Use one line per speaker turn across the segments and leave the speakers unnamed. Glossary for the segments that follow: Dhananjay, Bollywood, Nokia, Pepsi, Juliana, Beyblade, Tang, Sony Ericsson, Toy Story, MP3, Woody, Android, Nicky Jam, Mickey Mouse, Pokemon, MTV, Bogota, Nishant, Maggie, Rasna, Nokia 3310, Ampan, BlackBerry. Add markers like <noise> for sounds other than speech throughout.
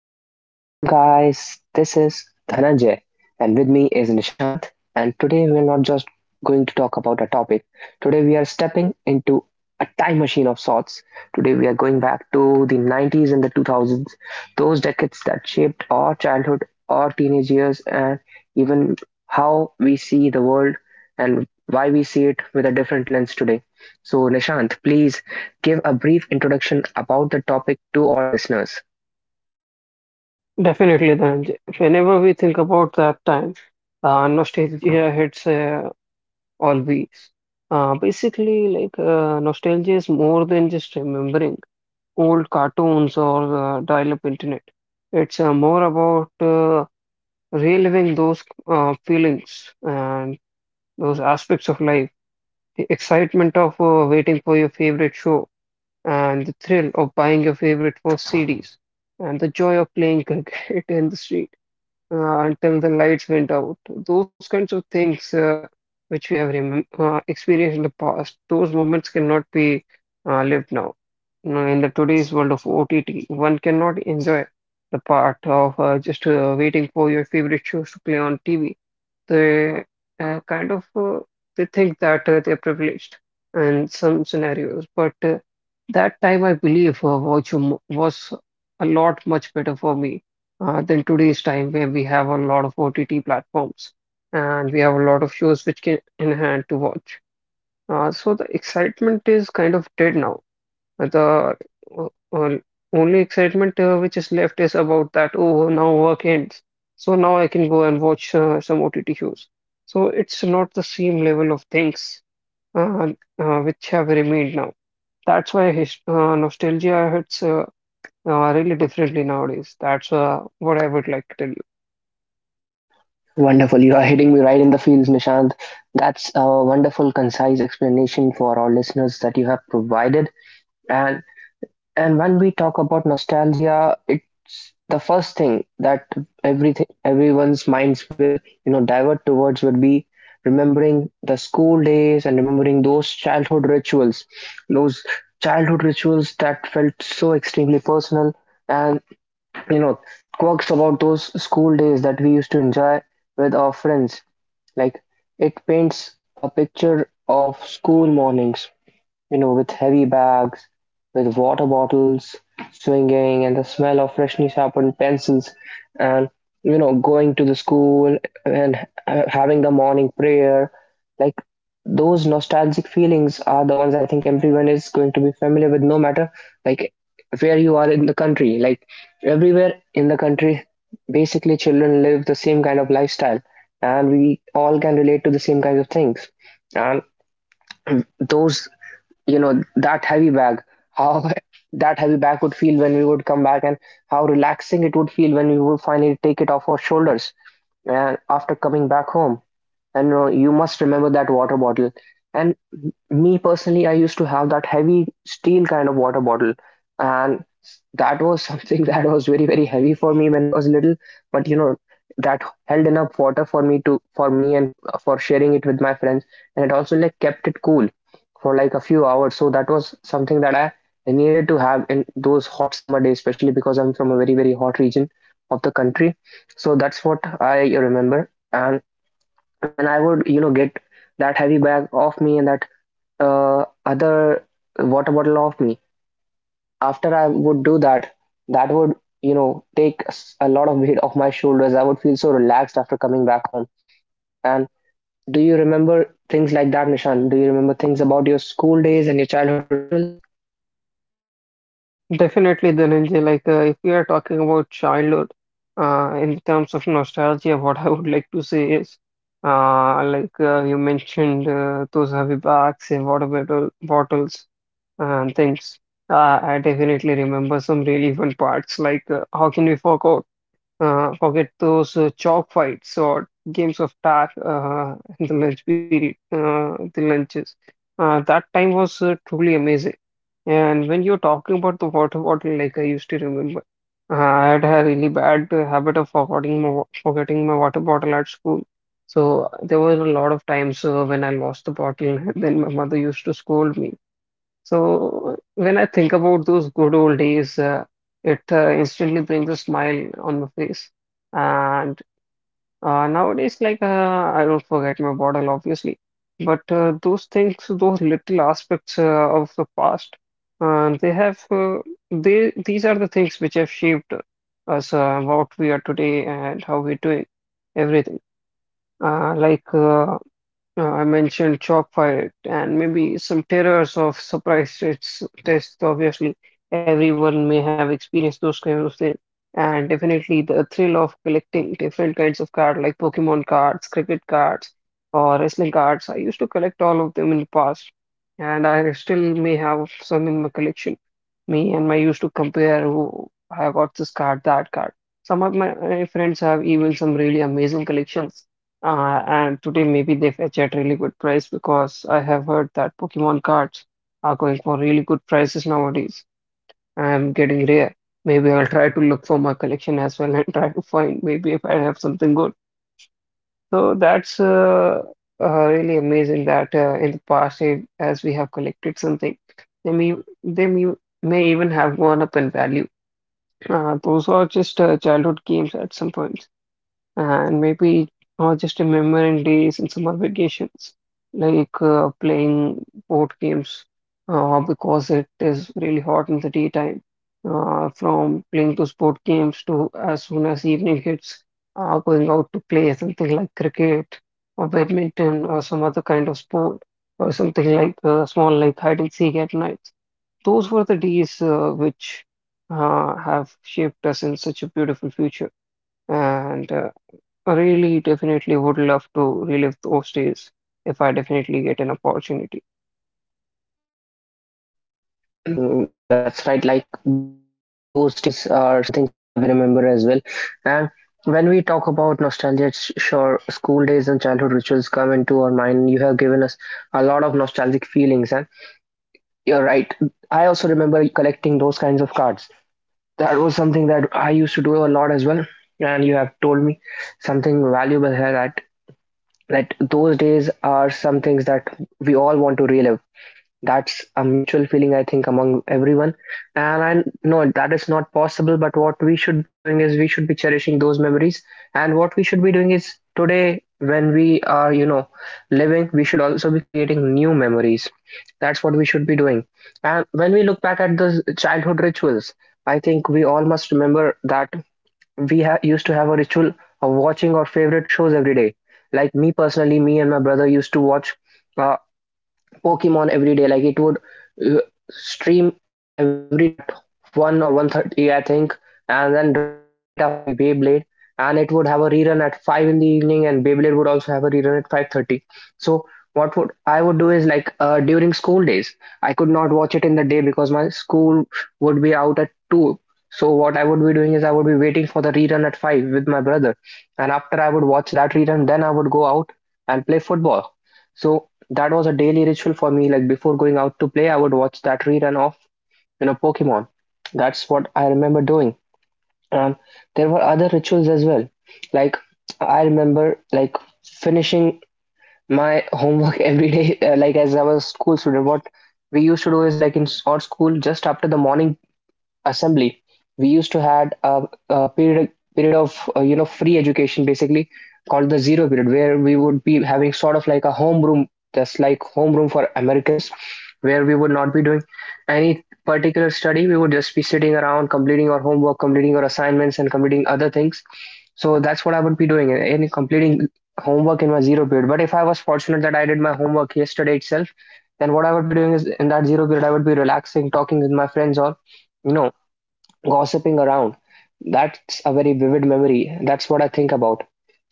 Hello and welcome, guys. This is Dhananjay, and with me is Nishant. And today we are not just going to talk about a topic. Today we are stepping into a time machine of sorts. Today we are going back to the 90s and the 2000s, those decades that shaped our childhood, our teenage years, and even how we see the world and why we see it with a different lens today. So, Nishant, please give a brief introduction about the topic to our listeners.
Definitely, Dhananjay. Whenever we think about that time, nostalgia hits always. Basically, like nostalgia is more than just remembering old cartoons or dial-up internet. It's more about reliving those feelings and those aspects of life. The excitement of waiting for your favorite show, and the thrill of buying your favorite first CDs, and the joy of playing cricket <laughs> in the street until the lights went out. Those kinds of things which we have remem experienced in the past. Those moments cannot be lived now. Now, in the today's world of OTT, one cannot enjoy the part of just waiting for your favorite shows to play on TV. They uh, kind of uh, they think that they're privileged in some scenarios. But that time, I believe, was a lot much better for me than today's time, where we have a lot of OTT platforms and we have a lot of shows which can in hand to watch. So the excitement is kind of dead now. The o- o- only excitement which is left is about that, oh, now work ends. So now I can go and watch some OTT shows. So it's not the same level of things uh, which have remained now. That's why his, nostalgia hits really differently nowadays. That's what I would like to tell you.
Wonderful. You are hitting me right in the feels, Nishant. That's a wonderful, concise explanation for our listeners that you have provided. And and when we talk about nostalgia, it's the first thing that everything everyone's minds will divert towards would be remembering the school days and remembering those childhood rituals that felt so extremely personal and you know quirks about those school days that we used to enjoy with our friends, like, it paints a picture of school mornings, with heavy bags, with water bottles swinging, and the smell of freshly sharpened pencils, and going to the school and having the morning prayer. Like, those nostalgic feelings are the ones I think everyone is going to be familiar with, no matter, like, where you are in the country. Like, everywhere in the country, basically, children live the same kind of lifestyle, and we all can relate to the same kinds of things. And those, that heavy bag, how <laughs> that heavy bag would feel when we would come back, and how relaxing it would feel when we would finally take it off our shoulders, and after coming back home. And you must remember that water bottle. And, me personally, I used to have that heavy steel kind of water bottle, and that was something <laughs> that was very, very heavy for me when I was little. But, you know, that held enough water for me and for sharing it with my friends. And it also, like, kept it cool for, like, a few hours. So that was something that I needed to have in those hot summer days, especially because I'm from a very, very hot region of the country. So that's what I remember. And when I would, get that heavy bag off me and that other water bottle off me, after I would do that, that would, take a lot of weight off my shoulders. I would feel so relaxed after coming back home. And do you remember things like that, Nishan? Do you remember things about your school days and your childhood rituals?
Definitely, Dhananjay. If we are talking about childhood, in terms of nostalgia, <laughs> what I would like to say is, you mentioned, those heavy bags and water bottles and things. I definitely remember some really fun parts. How can we forget? Forget those chalk fights or games of tag in the lunch period, the lunches. That time was truly amazing. And when you're talking about the water bottle, like I used to remember, I had a really bad habit of forgetting forgetting my water bottle at school. So there were a lot of times when I lost the bottle, and then my mother used to scold me. So when I think about those good old days, it instantly brings a smile on my face. And nowadays, I don't forget my bottle, obviously, but those things, those little aspects of the past, they have they these are the things which have shaped us, what we are today and how we're doing everything. Uh, like uh, I mentioned chalk fight and maybe some terrors of surprise tests. Obviously, everyone may have experienced those kinds of things. And definitely the thrill of collecting different kinds of cards like Pokemon cards, cricket cards, or wrestling cards. I used to collect all of them in the past, and I still may have some in my collection. Me and my used to compare who I got this card, that card. Some of my friends have even some really amazing collections. And today maybe they fetch at really good price, because I have heard that Pokemon cards are going for really good prices nowadays. I'm getting rare. Maybe I'll try to look for my collection as well and <laughs> try to find maybe if I have something good. So that's really amazing that in the past, as we have collected something, they may they may even have gone up in value. Those are just childhood games at some point, and maybe just remembering days in summer vacations, like playing board games, because it is really hot in the daytime. From playing those board games to as soon as evening hits, going out to play something like cricket or badminton or some other kind of sport, or something like small like hide and seek at night. Those were the days which have shaped us in such a beautiful future. And Really, definitely would love to relive those days if I definitely get an opportunity.
Mhm, that's right. Like, those days are some things I vividly remember as well. And when we talk about nostalgia, it's sure school days and childhood rituals come into our mind. You have given us a lot of nostalgic feelings, and you're right. I also remember collecting those kinds of cards. That was something that I used to do a lot as well. And you have told me something valuable here, that those days are some things that we all want to relive. That's a mutual feeling, I think, among everyone. And I know that is not possible, but what we should be doing is we should be cherishing those memories. And what we should be doing is, today, when we are living, we should also be creating new memories. That's what we should be doing. And when we look back at those childhood rituals, I think we all must remember that we used to have a ritual of watching our favorite shows every day. Like, me personally, me and my brother used to watch. Uh, Pokemon every day. Like, it would uh, stream every day at 1 or 1:30, I think, and then right after, there would be Beyblade, and it would have a rerun at 5 in the evening, and Beyblade would also have a rerun at 5:30. So what would I would do is, like, during school days, I could not watch it in the day because my school would be out at 2. So what I would be doing is I would be waiting for the rerun at 5 with my brother, and after I would watch that rerun, then I would go out and play football. So that was a daily ritual for me. Like, before going out to play, I would watch that rerun of Pokemon. That's what I remember doing. And there were other rituals as well. Like, I remember, like, finishing my homework <laughs> every day. Like as I was a school student, what we used to do is, like, in our school, just after the morning assembly, we used to had a period of free education, basically called the zero period, where we would be having sort of like a homeroom, just like homeroom for americans, where we would not be doing any particular study. We would just be sitting around completing our homework, completing our assignments, and completing other things. So that's what I would be doing, and completing homework in my zero period. But if I was fortunate that I did my homework yesterday itself, then what I would be doing is, in that zero period, I would be relaxing, talking with my friends, or you know gossiping around. That's a very vivid memory. That's what I think about.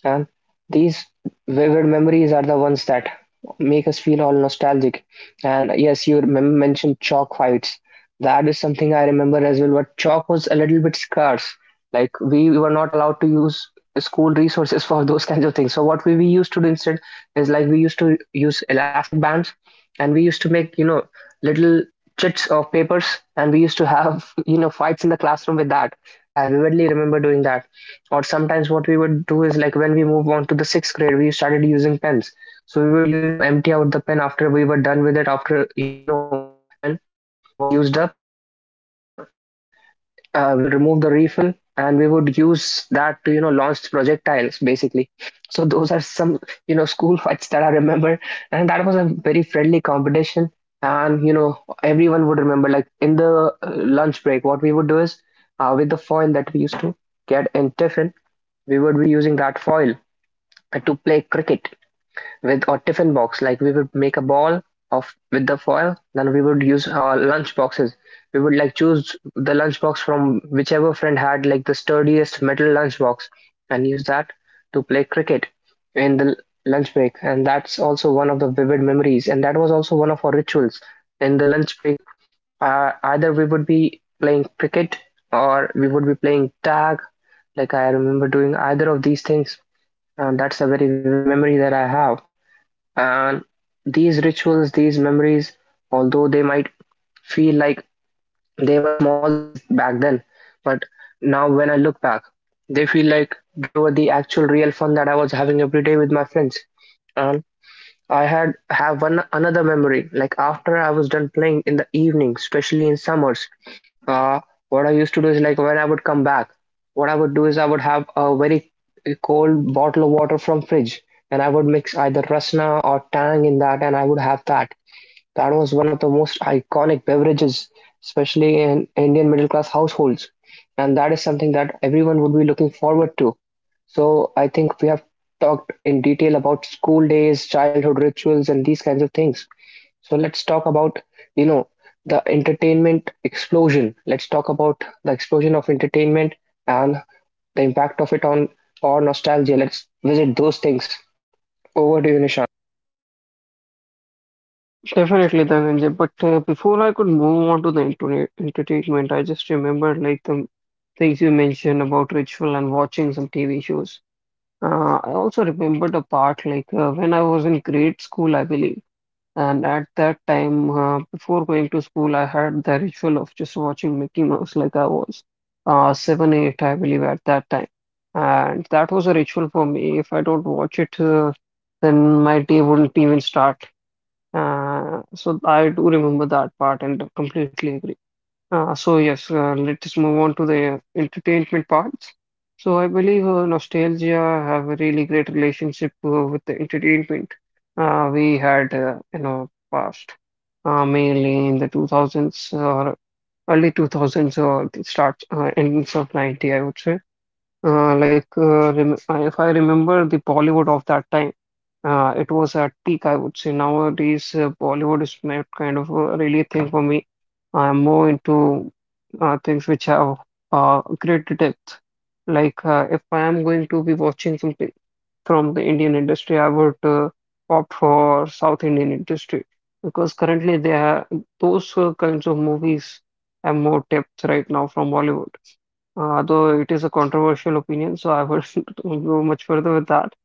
And these vivid memories are the ones that make us feel all nostalgic. And yes, you mentioned chalk fights. That is something I remember as well, but chalk was a little bit scarce. Like, we were not allowed to use school resources <laughs> for those kinds of things. So what we used to do instead is, like, we used to use elastic bands, and we used to make little chits of papers, and we used to have <laughs> fights in the classroom with that. I vividly remember doing that. Or sometimes what we would do is, like, when we move on to the sixth grade, we started using pens. So we would empty out the pen after we were done with it. After that pen was used up, and we would use we will remove the refill, and we would use that to launch projectiles, basically. So those are some school <laughs> fights that I remember, and that was a very friendly competition. And everyone would remember, like, in the uh, lunch break, what we would do is, with the foil that we used to get in tiffin, we would be using that foil to play cricket with our tiffin box. Like, we would make a ball of with the foil, then we would use our lunch boxes. We would, like, choose the lunch box from whichever friend had, like, the sturdiest metal lunch box, and use that to play cricket in the lunch break. And that's also one of the vivid memories. And that was also one of our rituals in the lunch break. Either we would be playing cricket or we would be playing tag. Like, I remember doing either of these things. And that's a very vivid memory that I have. And these rituals, these memories, although they might feel like they were small things back then, but now when I look back, they feel like they were the actual real fun that I was having every day with my friends. And I had have one another memory. Like, after I was done playing in the evening, especially in summers, uh, what I used to do is, like, when I would come back, what I would do is I would have a very cold bottle of water from fridge, and I would mix either Rasna or Tang in that, and I would have that. That was one of the most iconic beverages, especially in Indian middle class households. And that is something that everyone would be looking forward to. So I think we have talked in detail about school days, childhood rituals, and these kinds of things. So let's talk about, you know, the entertainment explosion. Let's talk about the explosion of entertainment and the impact of it on our nostalgia. Let's visit those things. Over to you.
Definitely, Dhananjay. But before I could move on to the internet entertainment, I just remembered like the things you mentioned about ritual and watching some TV shows. I also remembered a part like when I was in grade school, I believe. And at that time, before going to school, I had the ritual of just watching Mickey Mouse. Like I was seven, eight, I believe, at that time. And that was a ritual for me. If I don't watch it, then my day wouldn't even start. So I do remember that part and completely agree. So yes, let us move on to the entertainment parts. So I believe nostalgia have a really great relationship with the entertainment we had in our past, mainly in the 2000s or early 2000s, or the start endings of 90, I would say. If I remember the Bollywood of that time, it was at peak, I would say. Nowadays, Bollywood is not kind of a really thing for me. I'm more into things which have greater depth. Like if I am going to be watching something from the Indian industry, I would opt for South Indian industry, because currently they are those kinds of movies have more depth right now from Bollywood. Though it is a controversial opinion, so I wouldn't <laughs> go much further with that.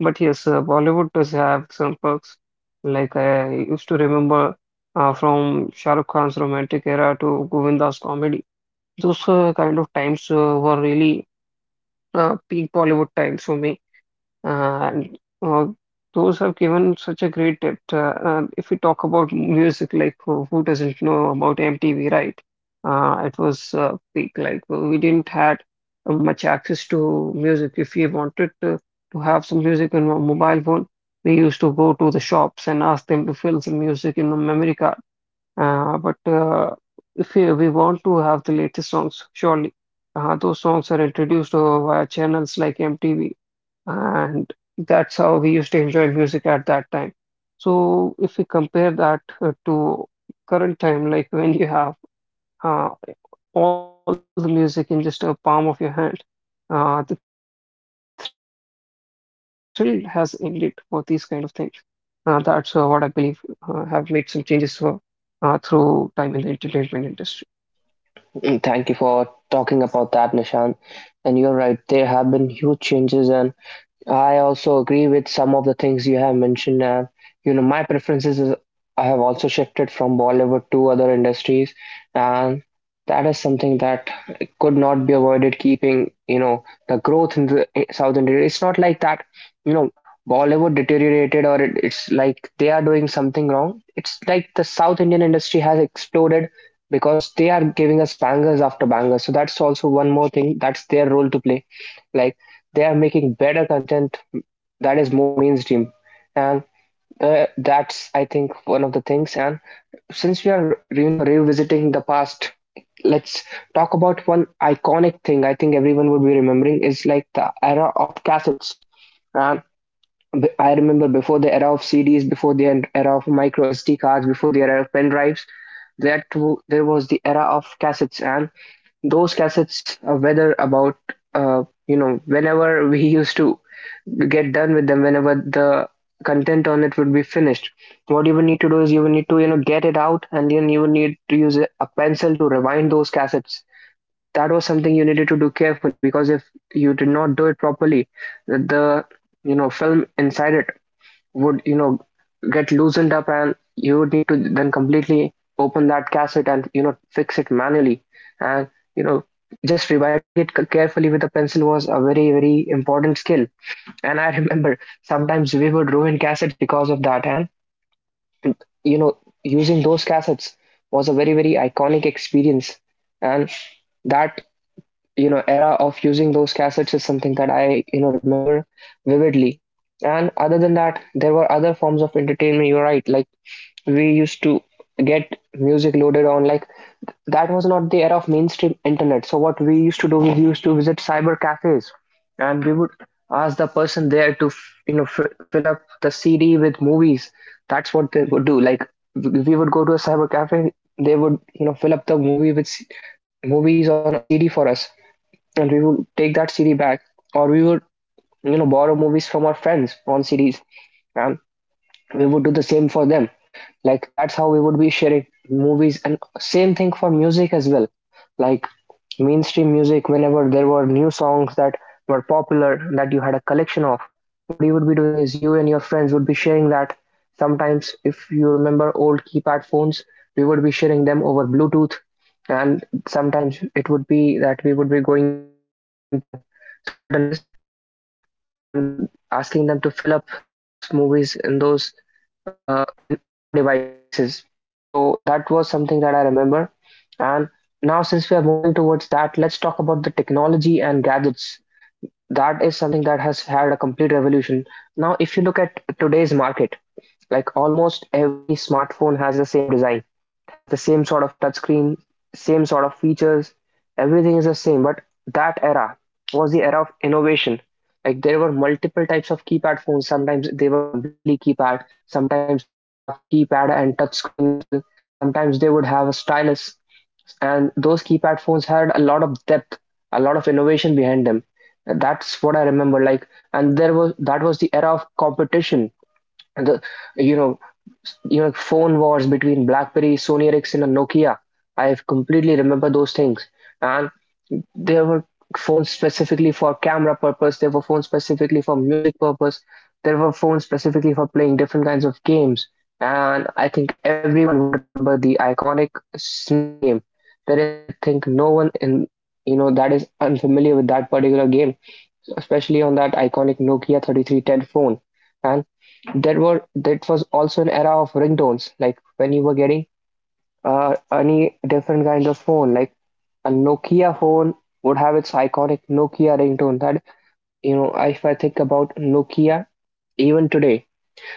But yes, Bollywood does have some perks. Like I used to remember from Shah Rukh Khan's romantic era to Govinda's comedy. Those kind of times were really peak Bollywood times for me. And uh, those have given such a great depth. If we talk about music, like who doesn't know about MTV, right? It was peak. Like well, we didn't had much access to music. If we wanted to have some music on our mobile phone, we used to go to the shops and ask them to fill some music in the memory card. But if we want to have the latest songs, surely those songs are introduced via channels like MTV, and that's how we used to enjoy music at that time. So if we compare that to current time, like when you have uh, all the music in just a palm of your hand, the thrill has ended for these kind of things. That's what I believe have made some changes for, through time in the entertainment industry.
Mm, thank you for talking about that, Nishant. And you're right, there have been huge changes, and I also agree with some of the things you have mentioned. And my preferences is I have also shifted from Bollywood to other industries, and that is something that could not be avoided. Keeping the growth in the in South India, it's not like that. You know, Bollywood deteriorated, or it's like they are doing something wrong. It's like the South Indian industry has exploded because they are giving us bangers after bangers. So that's also one more thing. That's their role to play, like they are making better content that is more mainstream, and that's, I think, one of the things. And since we are revisiting the past, let's talk about one iconic thing. I think everyone would be remembering is like the era of cassettes. And I remember, before the era of CDs, before the era of micro SD cards, before the era of pen drives, there was the era of cassettes. And those cassettes, whether about, whenever <laughs> we used to get done with them, whenever the content on it would be finished, what you would need to do is you would need to get it out, and then you would need to use a pencil to rewind those cassettes. That was something you needed to do carefully, because if you did not do it properly, the film inside it would get loosened up, and you would need to then completely open that cassette and fix it manually. And you know just rewinding it carefully with a pencil was a very, very important skill. And I <laughs> remember, sometimes we would ruin cassettes because of that. And you know using those cassettes was a very, very iconic experience, and that era of using those cassettes is something that I remember vividly. And other than that, there were other forms of entertainment. You're right. Like, we used to get music loaded on, like that was not the era of mainstream internet. So what we used to do, we used to visit cyber cafes, and we would ask the person there to fill up the CD with movies. That's what they would do. Like, we would go to a cyber cafe, they would fill up the movie with movies on a CD for us, and we would take that CD back, or we would borrow movies from our friends on CDs, and we would do the same for them. Like, that's how we would be sharing movies, and same thing for music as well. Like, mainstream music, whenever there were new songs that were popular, that you had a collection of, what you would be doing is you and your friends would be sharing that. Sometimes, if you remember old keypad phones, we would be sharing them over Bluetooth. And sometimes it would be that we would be going to certain places and asking them to fill up those movies in those, uh, in our devices. So that was something that I remember. And now, since we are moving towards that, let's talk about the technology and gadgets. That is something that has had a complete revolution. Now, if you look at today's market, like almost every smartphone has the same design. It has the same sort of touchscreen, same sort of features. Everything is the same. But that era was the era of innovation. Like, there were multiple types of keypad phones. Sometimes they were completely keypad. Sometimes they would have keypad and touchscreen as well. Sometimes they would have a stylus. And those keypad phones had a lot of depth, a lot of innovation behind them. That's what I remember. Like, and there was, that was the era of competition, and the you know phone wars between BlackBerry, Sony Ericsson, and Nokia. I completely remember those things. And there were phones specifically for camera purpose. There were phones specifically for music purpose. There were phones specifically for playing different kinds of games. And I think everyone would remember the iconic Snake game. There is, I think, no one in that is unfamiliar with that particular game, especially on that iconic Nokia 3310 phone. And that was also an era of ringtones, like when you were getting any different kind of phone, like a Nokia phone would have its iconic Nokia ringtone. That, you know, if I think about Nokia, even today,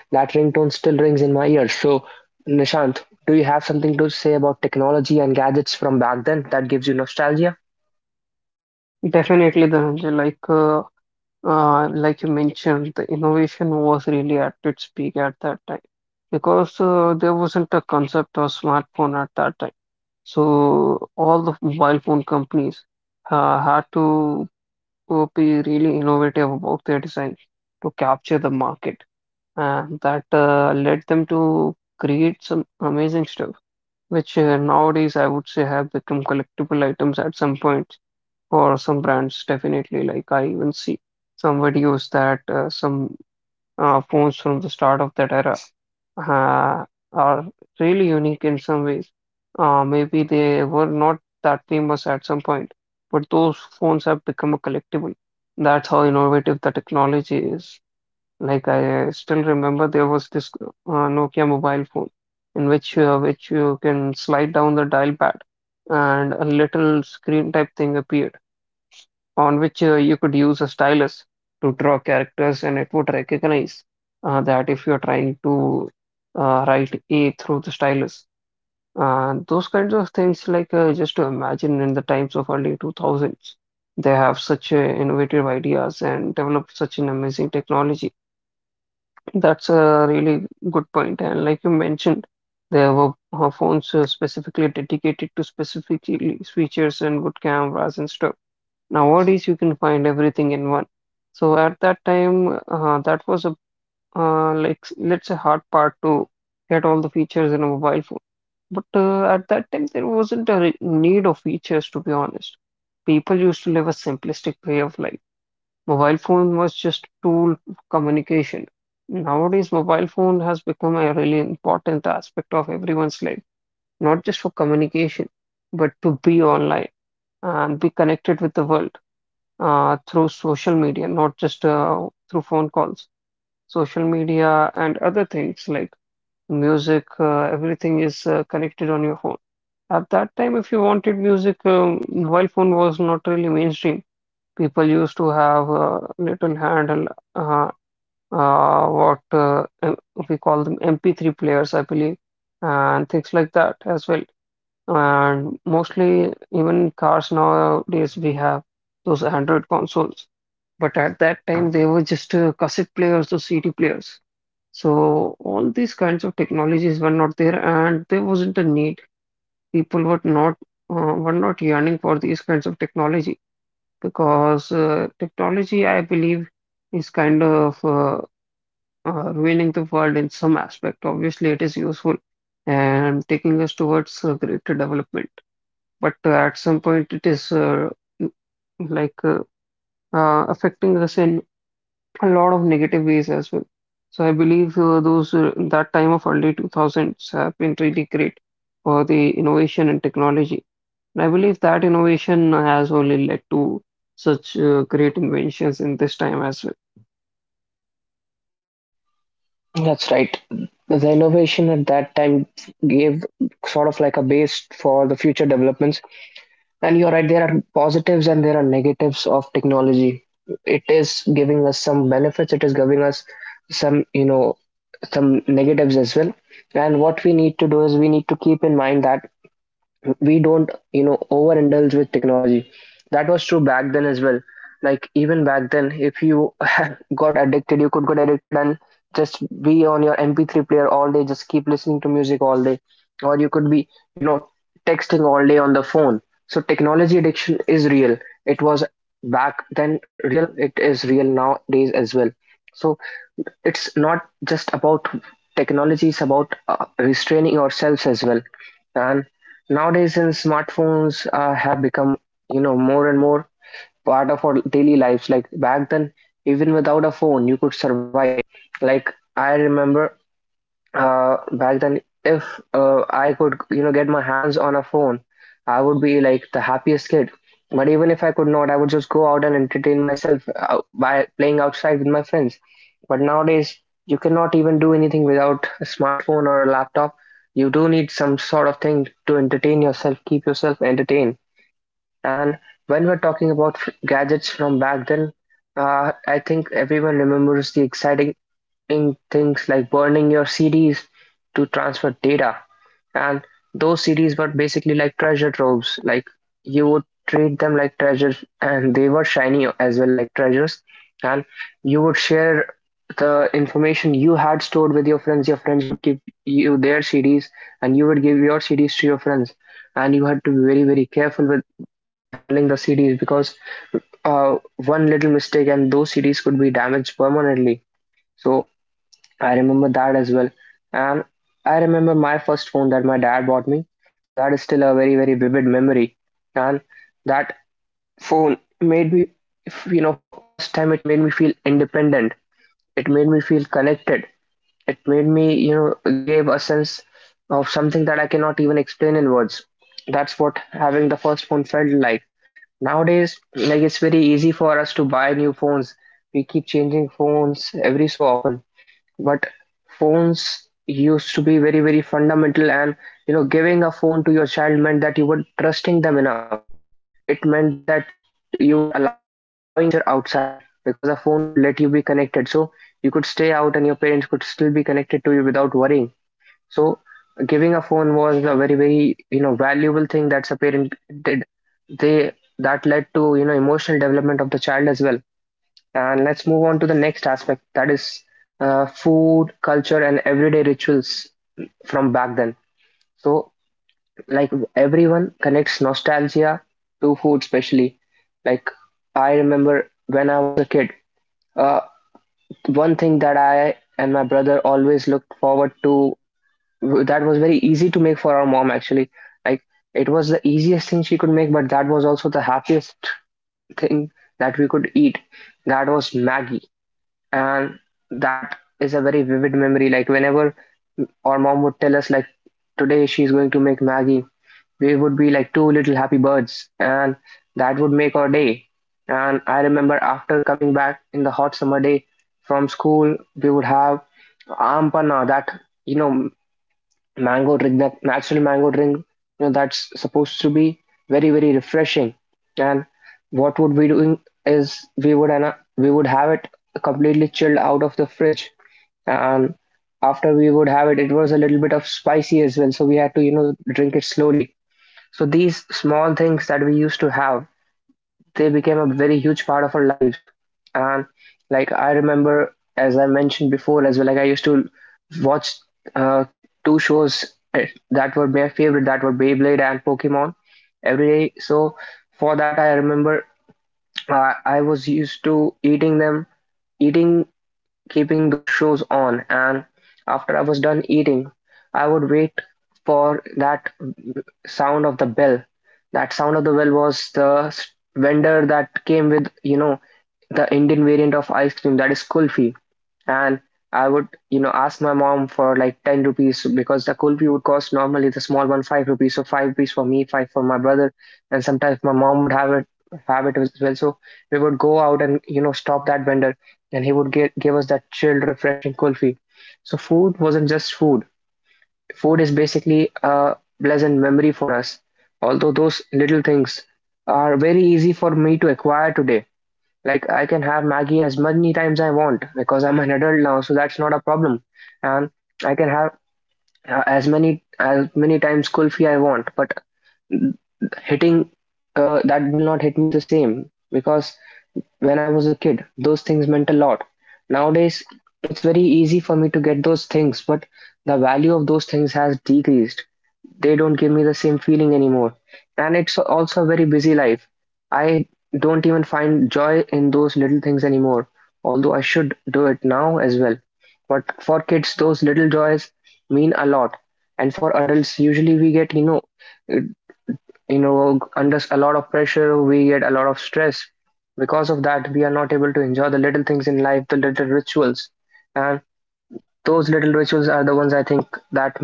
that ringtone still rings in my ears. So, Nishant, do you have something to say about technology and gadgets from back then that gives you nostalgia?
Definitely, Dhananjay, like you mentioned, the innovation was really at its peak at that time, because there wasn't a concept of smartphone at that time. So all the mobile phone companies had to be really innovative about their design to capture the market, and that led them to create some amazing stuff, which nowadays I would say have become collectible items at some point. For some brands, definitely. Like I even see some videos that some phones from the start of that era uh, are really unique in some ways. Maybe they were not that famous at some point, but those phones have become a collectible. That's how innovative the technology is. Like I still remember there was this Nokia mobile phone in which you can slide down the dial pad, and a little screen type thing appeared on which you could use a stylus to draw characters, and it would recognize that if you're trying to write A through the stylus. Those kinds of things, like just to imagine in the times of early 2000s, they have such innovative ideas and developed such an amazing technology. That's a really good point. And like you mentioned, there were phones specifically dedicated to specifically features and good cameras and stuff. Nowadays, you can find everything in one. So at that time, that was a let's say hard part to get all the features in a mobile phone. But at that time, there wasn't a need of features, to be honest. People used to live a simplistic way of life. Mobile phone was just a tool of communication. Nowadays, mobile phone has become a really important aspect of everyone's life, not just for communication, but to be online and be connected with the world through social media, not just through phone calls. Social media and other things like music, everything is connected on your phone. At that time, if you wanted music, mobile phone was not really mainstream. People used to have a little handle, uh, uh, what uh, M- we call them MP3 players, I believe, and things like that as well. And mostly, even cars nowadays, we have those Android consoles. But at that time, they were just cassette players or CD players. So all these kinds of technologies were not there, and there wasn't a need. People were not yearning for these kinds of technology because technology, I believe, is kind of ruining the world in some aspect. Obviously, it is useful and taking us towards greater development, but at some point, it is like uh, affecting us in a lot of negative ways as well. So I believe those that time of early 2000s have been really great for the innovation and technology. And I believe that innovation has only led to such great inventions in this time as well.
That's right. The innovation at that time gave sort of like a base for the future developments. And you're right, there are positives and there are negatives of technology. It is giving us some benefits, it is giving us some, you know, some negatives as well. And what we need to do is we need to keep in mind that we don't overindulge with technology. That was true back then as well. Like, even back then, if you <laughs> got addicted, you could get addicted, and just be on your MP3 player all day, just keep listening to music all day, or you could be you know texting all day on the phone. So technology addiction is real. It was back then real, it is real nowadays as well. So it's not just about technology, it's about restraining ourselves as well. And nowadays, since smartphones have become more and more part of our daily lives, like back then, even without a phone, you could survive. Like, I remember back then, if I could get my hands on a phone, I would be like the happiest kid. But even if I could not, I would just go out and entertain myself by playing outside with my friends. But nowadays, you cannot even do anything without a smartphone or a laptop. You do need some sort of thing to entertain yourself, keep yourself entertained. And when we're talking about gadgets from back then, I think everyone remembers the exciting in things like burning your CDs to transfer data. And those CDs were basically like treasure troves. Like, you would treat them like treasures, and they were shiny as well, like treasures. And you would share the information you had stored with your friends. Your friends would give you their CDs, and you would give your CDs to your friends. And you had to be very, very careful with handling the CDs, because one little mistake and those CDs could be damaged permanently. So I remember that as well. And I remember my first phone that my dad bought me. That is still a very, very vivid memory. And that phone made me, first time it made me feel independent. It made me feel connected. It made me gave a sense of something that I cannot even explain in words. That's what having the first phone felt like. Nowadays, like it's very easy for us to buy new phones. We keep changing phones every so often, but phones used to be very, very fundamental, and giving a phone to your child meant that you were trusting them enough. It meant that you were allowing them to venture outside, because a phone would let you be connected. So you could stay out and your parents could still be connected to you without worrying. So giving a phone was a very, very valuable thing that a parent did. They That led to emotional development of the child as well. And let's move on to the next aspect, that is food, culture, and everyday rituals from back then. So, like, everyone connects nostalgia to food, especially. Like, I remember, when I was a kid, uh, one thing that I and my brother always looked forward to, that was very easy to make for our mom, actually. Like, it was the easiest thing she could make, but that was also the happiest thing that we could eat. That was Maggie. And that is a very vivid memory. Like, whenever our mom would tell us like today she's going to make Maggie, we would be like two little happy birds, and that would make our day. And I remember, after coming back in the hot summer day from school, we would have ampana. That you know mango drink, that natural mango drink that's supposed to be very, very refreshing. And what would be doing is we would have it completely chilled out of the fridge. And after we would have it, it was a little bit of spicy as well. So we had to drink it slowly. So these small things that we used to have, they became a very huge part of our lives. And like I remember, as I mentioned before as well, like I used to watch uh, two shows, that were my favorite, that were Beyblade and Pokemon every day. So for that, I remember I was used to eating them, eating, keeping those shows on. And after I was done eating, I would wait for that sound of the bell. That sound of the bell was the vendor that came with, you know, the Indian variant of ice cream that is kulfi. And I would ask my mom for like 10 rupees, because the kulfi would cost normally, the small one, 5 rupees. So 5 rupees for me, 5 for my brother. And sometimes my mom would have it as well. So we would go out and stop that vendor, and he would give us that chilled, refreshing kulfi. So food wasn't just food. Food is basically a pleasant memory for us, although those little things are very easy for me to acquire today. Like, I can have Maggie as many times I want, because I'm an adult now, so that's not a problem. And I can have as many times kulfi I want, but hitting that will not hit me the same, because when I was a kid, those things meant a lot. Nowadays, it's very easy for me to get those things, but the value of those things has decreased. They don't give me the same feeling anymore. And it's also a very busy life. I don't even find joy in those little things anymore, although I should do it now as well. But for kids, those little joys mean a lot. And for adults, usually we get, it- under a lot of pressure, we get a lot of stress. Because of that, we are not able to enjoy the little things in life, the little rituals. And those little rituals are the ones I think that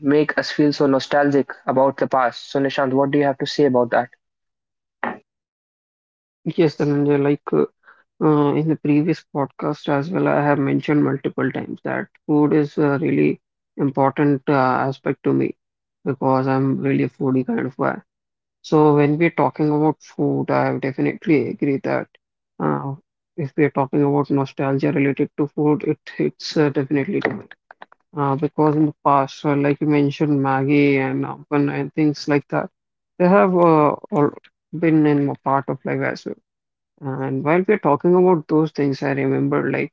make us feel so nostalgic about the past. So, Nishant, what do you have to say about that?
Yes, Dhananjay, like in the previous podcast as well, I have mentioned multiple times that food is a really important aspect to me because I'm really a foodie kind of guy. So when we're talking about food, I definitely agree that uh, if we're talking about nostalgia related to food, it's definitely different. Because in the past, like you mentioned, Maggie and Ampan and things like that, they have all been in a part of life as well. And while we're talking about those things, I remember like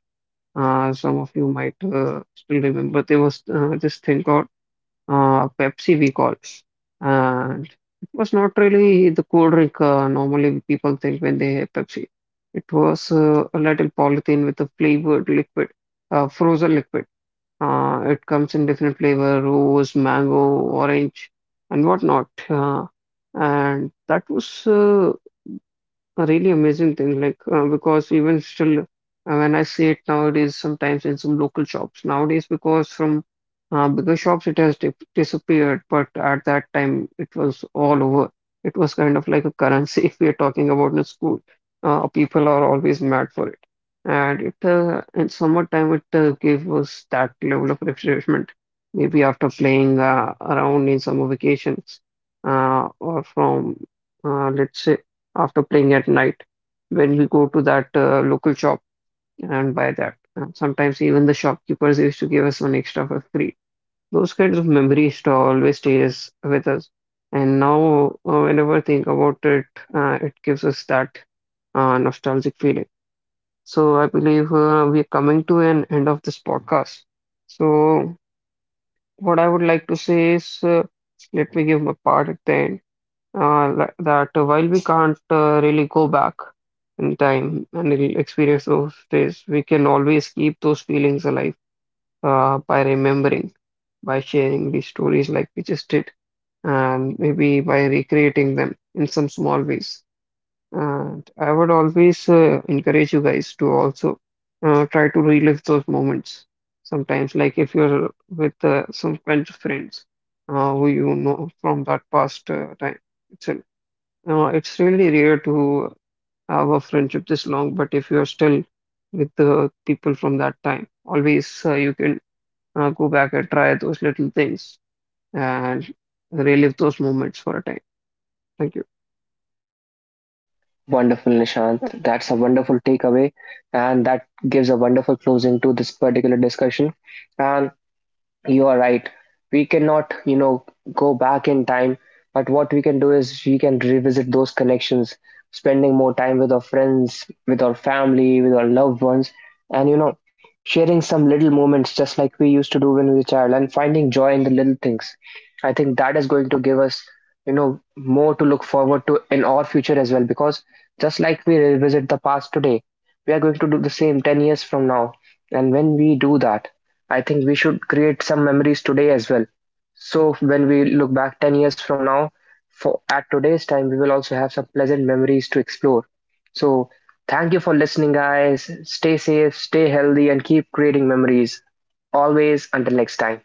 some of you might still remember there was this thing called Pepsi, we call. And it was not really the cool drink normally people think when they have Pepsi. It was a little polythene with a flavored liquid, frozen liquid. It comes in different flavor, rose, mango, orange, and whatnot. And that was a really amazing thing, like because even still, when I see it nowadays, sometimes in some local shops nowadays, because from bigger shops it has dip disappeared, but at that time it was all over. It was kind of like a currency <laughs> if we are talking about in school. People are always mad for it, and it in summertime it gave us that level of refreshment. Maybe after playing around in summer vacations, or from let's say after playing at night when we go to that local shop and buy that. And sometimes even the shopkeepers used to give us one extra for free. Those kinds of memories to always stays with us. And now, whenever I think about it, it gives us that nostalgic feeling. So I believe we are coming to an end of this podcast. So what I would like to say is, let me give my part at the end that while we can't really go back in time and experience those days, we can always keep those feelings alive by remembering, by sharing these stories like we just did, and maybe by recreating them in some small ways. And I would always encourage you guys to also try to relive those moments. Sometimes, like if you're with some kind of friends who you know from that past time itself, it's really rare to have a friendship this long, but if you're still with the people from that time, always you can go back and try those little things and relive those moments for a time. Thank you.
Wonderful, Nishant. That's a wonderful takeaway, and that gives a wonderful closing to this particular discussion. And you are right. We cannot go back in time, but what we can do is we can revisit those connections, spending more time with our friends, with our family, with our loved ones, and, you know, sharing some little moments just like we used to do when we were a child, and finding joy in the little things. I think that is going to give us more to look forward to in our future as well, because just like we revisit the past today, we are going to do the same 10 years from now. And when we do that, I think we should create some memories today as well. So when we look back 10 years from now, for at today's time, we will also have some pleasant memories to explore. So thank you for listening, guys. Stay safe, stay healthy, and keep creating memories. Always, until next time.